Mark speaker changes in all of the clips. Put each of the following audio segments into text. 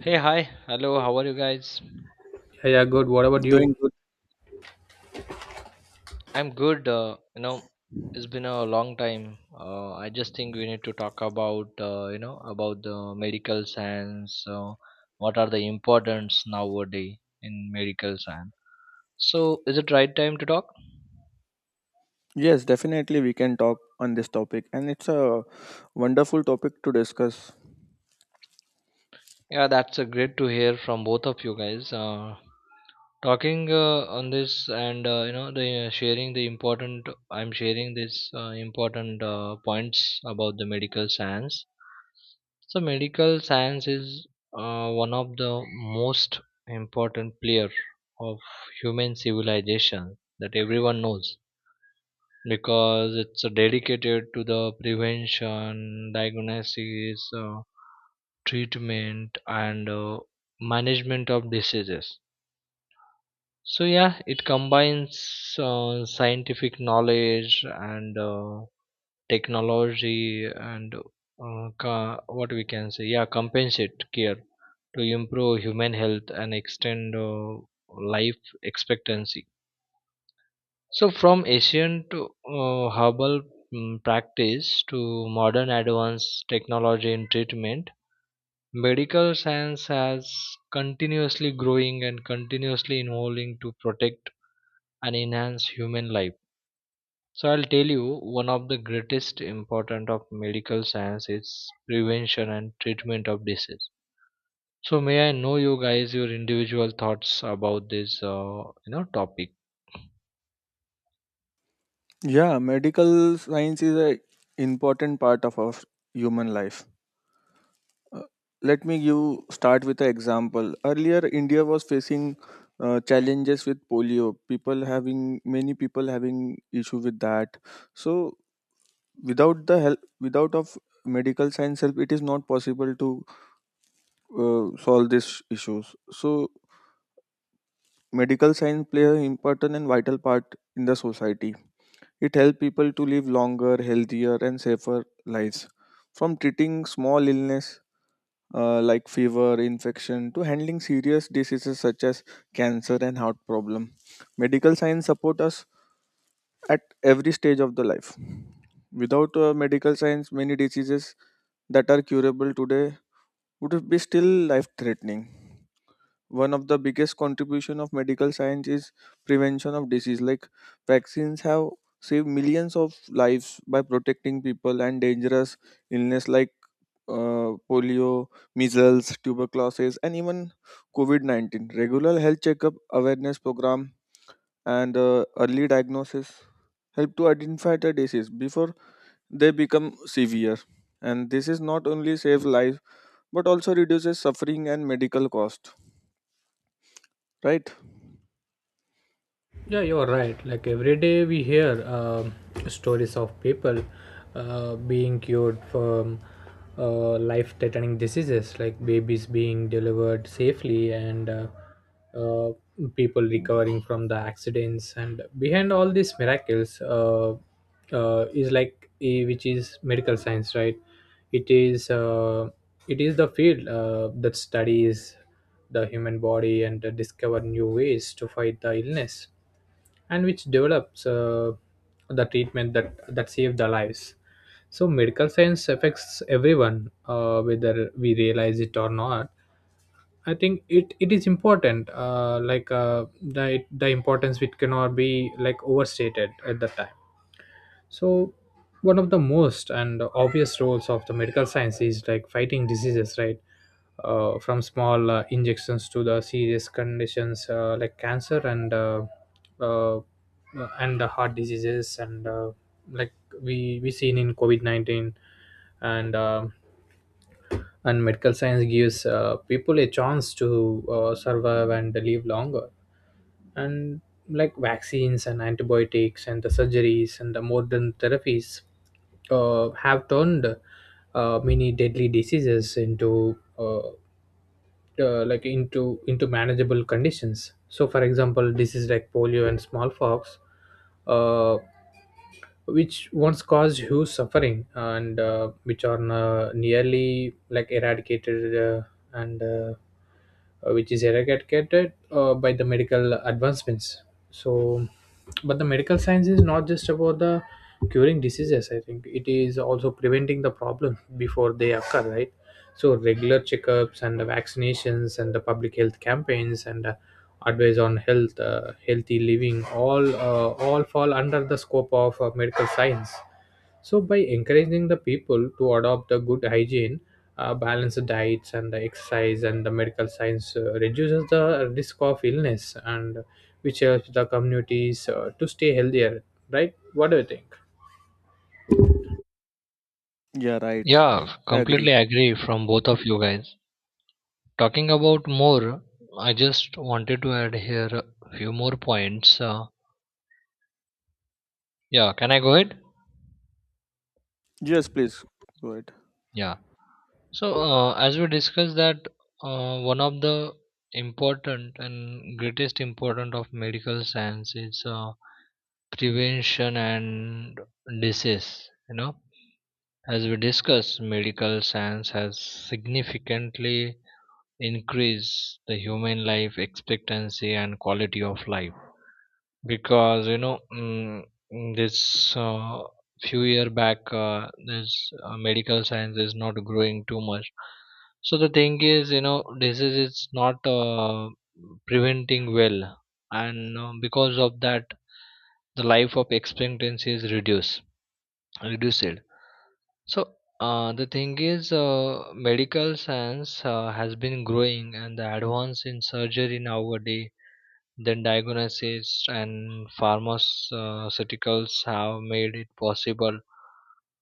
Speaker 1: Hey, hi. Hello, how are you guys?
Speaker 2: Yeah, yeah, good. What about you?
Speaker 3: Doing good.
Speaker 1: I'm good. It's been a long time. I just think we need to talk about, about the medical science. What are the importance nowadays in medical science? So, is it right time to talk?
Speaker 3: Yes, definitely we can talk on this topic, and it's a wonderful topic to discuss.
Speaker 1: Yeah, that's a great to hear from both of you guys. Talking on this and you know the sharing the important I'm sharing this important points about the medical science. So medical science is one of the most important player of human civilization that everyone knows because it's dedicated to the prevention, diagnosis, treatment, and management of diseases. So yeah, it combines scientific knowledge and technology and what we can say, yeah, compensate care to improve human health and extend life expectancy. So from ancient herbal practice to modern advanced technology in treatment, medical science has continuously growing and continuously evolving to protect and enhance human life. So I'll tell you one of the greatest important of medical science is prevention and treatment of disease. So may I know you guys your individual thoughts about this topic?
Speaker 3: Yeah, medical science is a important part of our human life. Uh, Let me you start with an example. Earlier, India was facing challenges with polio. People having many people having issue with that. So without the help, without of medical science help, it is not possible to solve these issues. So medical science play an important and vital part in the society. It helps people to live longer, healthier, and safer lives. From treating small illness like fever, infection, to handling serious diseases such as cancer and heart problem, medical science support us at every stage of the life. Without medical science, many diseases that are curable today would be still life-threatening. One of the biggest contribution of medical science is prevention of disease, like vaccines have saved millions of lives by protecting people and dangerous illness like polio, measles, tuberculosis, and even COVID-19. Regular health checkup, awareness program, and early diagnosis help to identify the disease before they become severe, and this is not only save lives but also reduces suffering and medical cost, right?
Speaker 2: Yeah, you're right. Like every day we hear stories of people being cured from life threatening diseases, like babies being delivered safely and uh, people recovering from the accidents. And behind all these miracles is like, which is medical science, right? It is, uh, it is the field that studies the human body and discover new ways to fight the illness and which develops the treatment that saved their lives. So medical science affects everyone, whether we realize it or not. I think it is important, the importance which cannot be like overstated at the time. So, one of the most and obvious roles of the medical science is like fighting diseases, right? From small injections to the serious conditions like cancer uh, uh, and the heart diseases and like we seen in COVID 19 and um and medical science gives people a chance to survive and live longer. And like vaccines and antibiotics and the surgeries and the modern therapies have turned many deadly diseases into like into manageable conditions. So for example, diseases like polio and smallpox, uh, which once caused huge suffering and which are nearly like eradicated, and which is eradicated by the medical advancements. So but the medical science is not just about the curing diseases, I think it is also preventing the problem before they occur, right? So regular checkups and the vaccinations and the public health campaigns and advice on health, healthy living, all fall under the scope of medical science. So by encouraging the people to adopt a good hygiene, balanced diets, and the exercise and the medical science reduces the risk of illness, and which helps the communities to stay healthier. Right? What do you think?
Speaker 3: Yeah, right.
Speaker 1: Yeah,
Speaker 3: I
Speaker 1: completely
Speaker 3: agree.
Speaker 1: agree from both of you guys. Talking about more, I just wanted to add here a few more points. Yeah, can I go ahead?
Speaker 3: Yes, please go ahead.
Speaker 1: Yeah. So, as we discussed that one of the important and greatest important of medical science is prevention and disease. You know, as we discussed, medical science has significantly increased the human life expectancy and quality of life, because you know, this few year back this medical science is not growing too much. So the thing is, you know, disease is not preventing well, and because of that the life of expectancy is reduced. So the thing is, medical science has been growing, and the advance in surgery nowadays, then diagnosis and pharmaceuticals have made it possible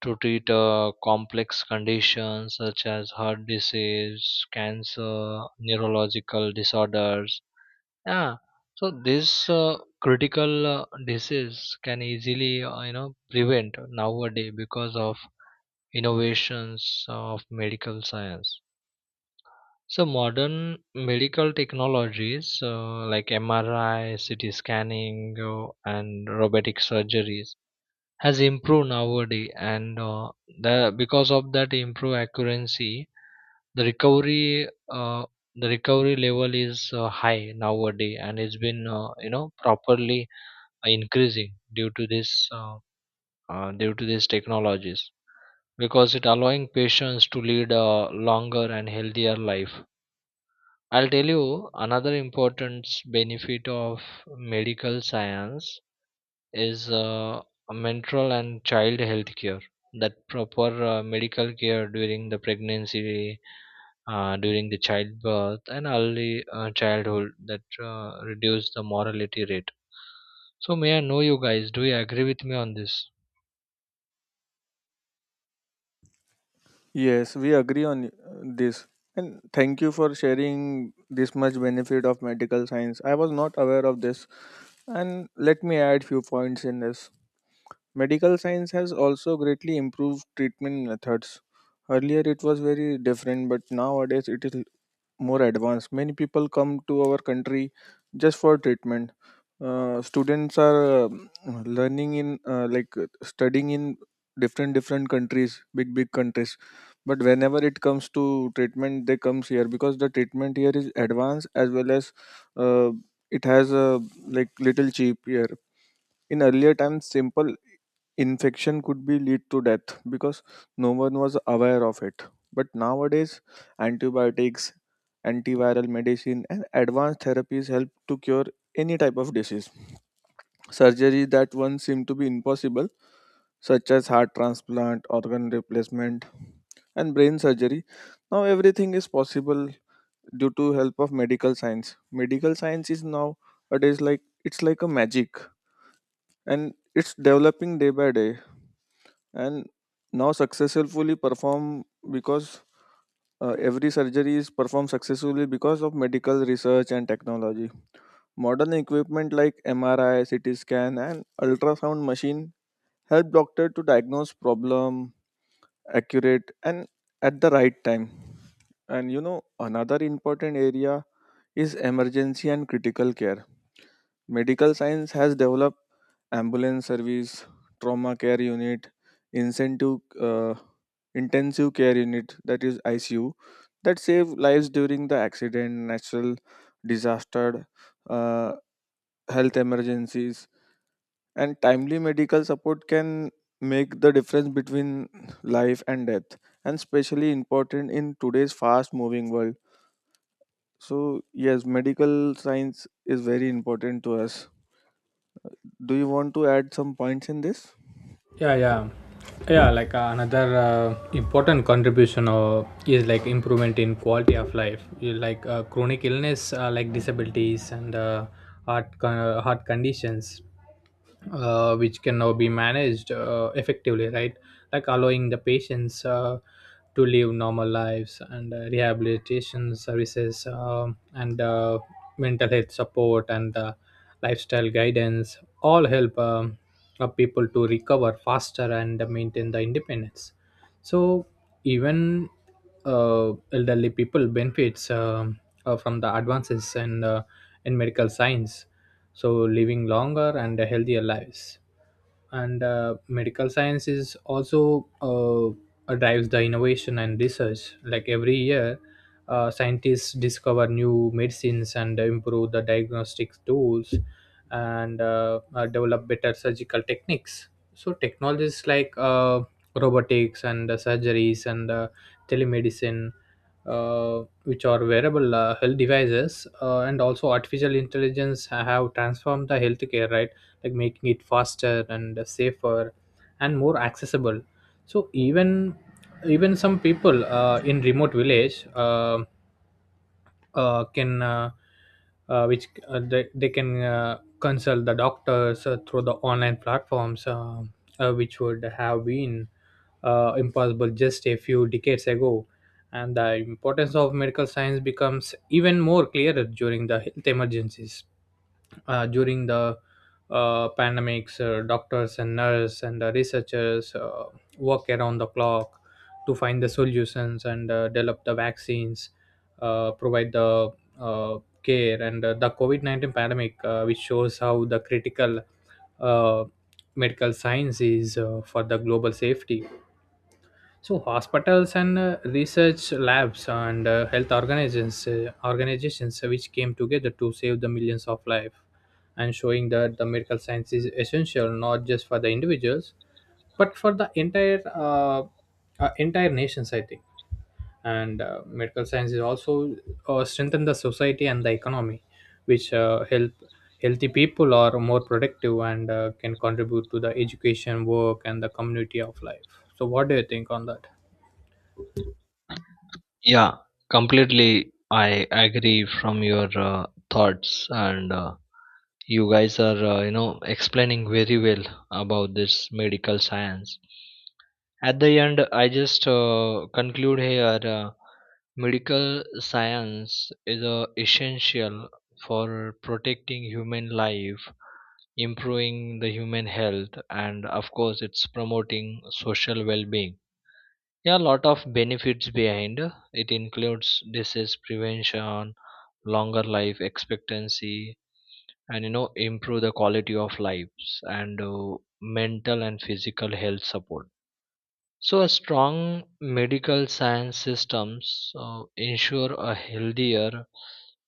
Speaker 1: to treat complex conditions such as heart disease, cancer, neurological disorders. Yeah, so this critical disease can easily prevent nowadays because of innovations of medical science. So modern medical technologies like MRI, CT scanning, and robotic surgeries has improved nowadays, and the because of that improved accuracy, the recovery uh, the recovery level is high nowadays, and it's been properly increasing due to this due to these technologies, because it allowing patients to lead a longer and healthier life. I'll tell you another important benefit of medical science is mental and child health care. That proper medical care during the pregnancy, during the childbirth, and early childhood that reduce the mortality rate. So, may I know you guys? Do you agree with me on this?
Speaker 3: Yes, we agree on this. And thank you for sharing this much benefit of medical science. I was not aware of this. And let me add few points in this. Medical science has also greatly improved treatment methods. Earlier it was very different, but nowadays it is more advanced. Many people come to our country just for treatment. Students are learning in studying in different different countries, big big countries. But whenever it comes to treatment, they comes here because the treatment here is advanced as well as uh, it has a like little cheap here. In earlier times, simple infection could be lead to death because no one was aware of it. But nowadays, antibiotics, antiviral medicine, and advanced therapies help to cure any type of disease. Surgery that once seemed to be impossible, such as heart transplant, organ replacement, and brain surgery, now everything is possible due to help of medical science. Medical science is now nowadays like it's like a magic, and it's developing day by day, and now successfully perform because every surgery is performed successfully because of medical research and technology. Modern equipment like MRI, CT scan, and ultrasound machine help doctor to diagnose problem accurate and at the right time. And you know another important area is emergency and critical care. Medical science has developed ambulance service, trauma care unit, incentive, uh, intensive care unit, that is ICU, that save lives during the accident, natural disaster, uh, health emergencies, and timely medical support can make the difference between life and death, and especially important in today's fast-moving world. So yes, medical science is very important to us. Do you want to add some points in this?
Speaker 2: yeah yeah yeah, like another important contribution is like improvement in quality of life. You like chronic illness like disabilities and heart conditions which can now be managed effectively, right? Like allowing the patients to live normal lives and rehabilitation services and mental health support and lifestyle guidance all help people to recover faster and maintain the independence. So even uh, elderly people benefits from the advances in in medical science, so living longer and healthier lives. And medical science is also drives the innovation and research. Like every year scientists discover new medicines and improve the diagnostic tools and develop better surgical techniques. So technologies like robotics and surgeries and telemedicine, which are wearable health devices and also artificial intelligence have transformed the healthcare, right? Like making it faster and safer and more accessible. So even some people in remote village, can which they can consult the doctors through the online platforms, which would have been impossible just a few decades ago. And the importance of medical science becomes even more clearer during the health emergencies, during the pandemics. Doctors and nurses and the researchers work around the clock to find the solutions and develop the vaccines, provide the uh, care. And the COVID 19 pandemic, which shows how the critical uh, medical science is for the global safety. So hospitals and research labs and health organizations which came together to save the millions of lives, and showing that the medical science is essential not just for the individuals but for the entire entire nations, I think. And medical science is also strengthen the society and the economy, which help healthy people are more productive and can contribute to the education, work, and the community of life. So what do you think on that?
Speaker 1: Yeah, completely. I agree from your thoughts and. You guys are, explaining very well about this medical science. At the end, I just conclude here. Medical science is essential for protecting human life, improving the human health, and of course, it's promoting social well-being. Yeah, a lot of benefits behind. It includes disease prevention, longer life expectancy, and you know improve the quality of lives, and mental and physical health support. So a strong medical science systems ensure a healthier,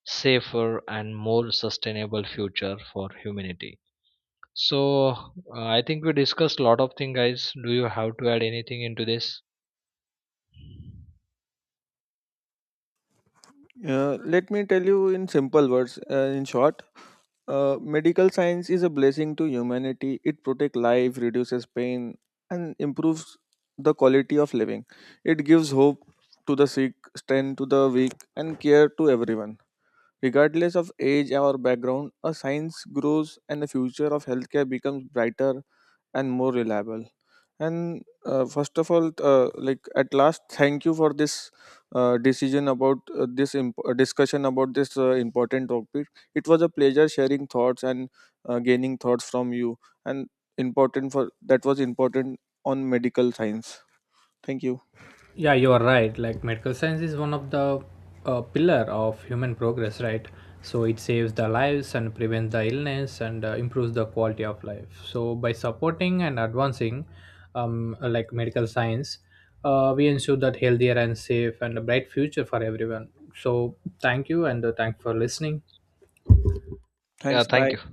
Speaker 1: safer, and more sustainable future for humanity. So I think we discussed a lot of things, guys. Do you have to add anything into this?
Speaker 3: Let me tell you in simple words. In short, medical science is a blessing to humanity. It protects life, reduces pain, and improves the quality of living. It gives hope to the sick, strength to the weak, and care to everyone. Regardless of age or background, a science grows and the future of healthcare becomes brighter and more reliable. And first of all, at last, thank you for this decision about this discussion about this important topic. It was a pleasure sharing thoughts and gaining thoughts from you, and important for that was important on medical science. Thank you.
Speaker 2: Yeah, you are right. Like medical science is one of the pillar of human progress, right? So it saves the lives and prevents the illness and improves the quality of life. So by supporting and advancing like medical science, we ensure that healthier and safe and a bright future for everyone. So thank you and thank for listening.
Speaker 1: Yeah,
Speaker 3: Thanks,
Speaker 1: thank
Speaker 3: bye.
Speaker 1: you.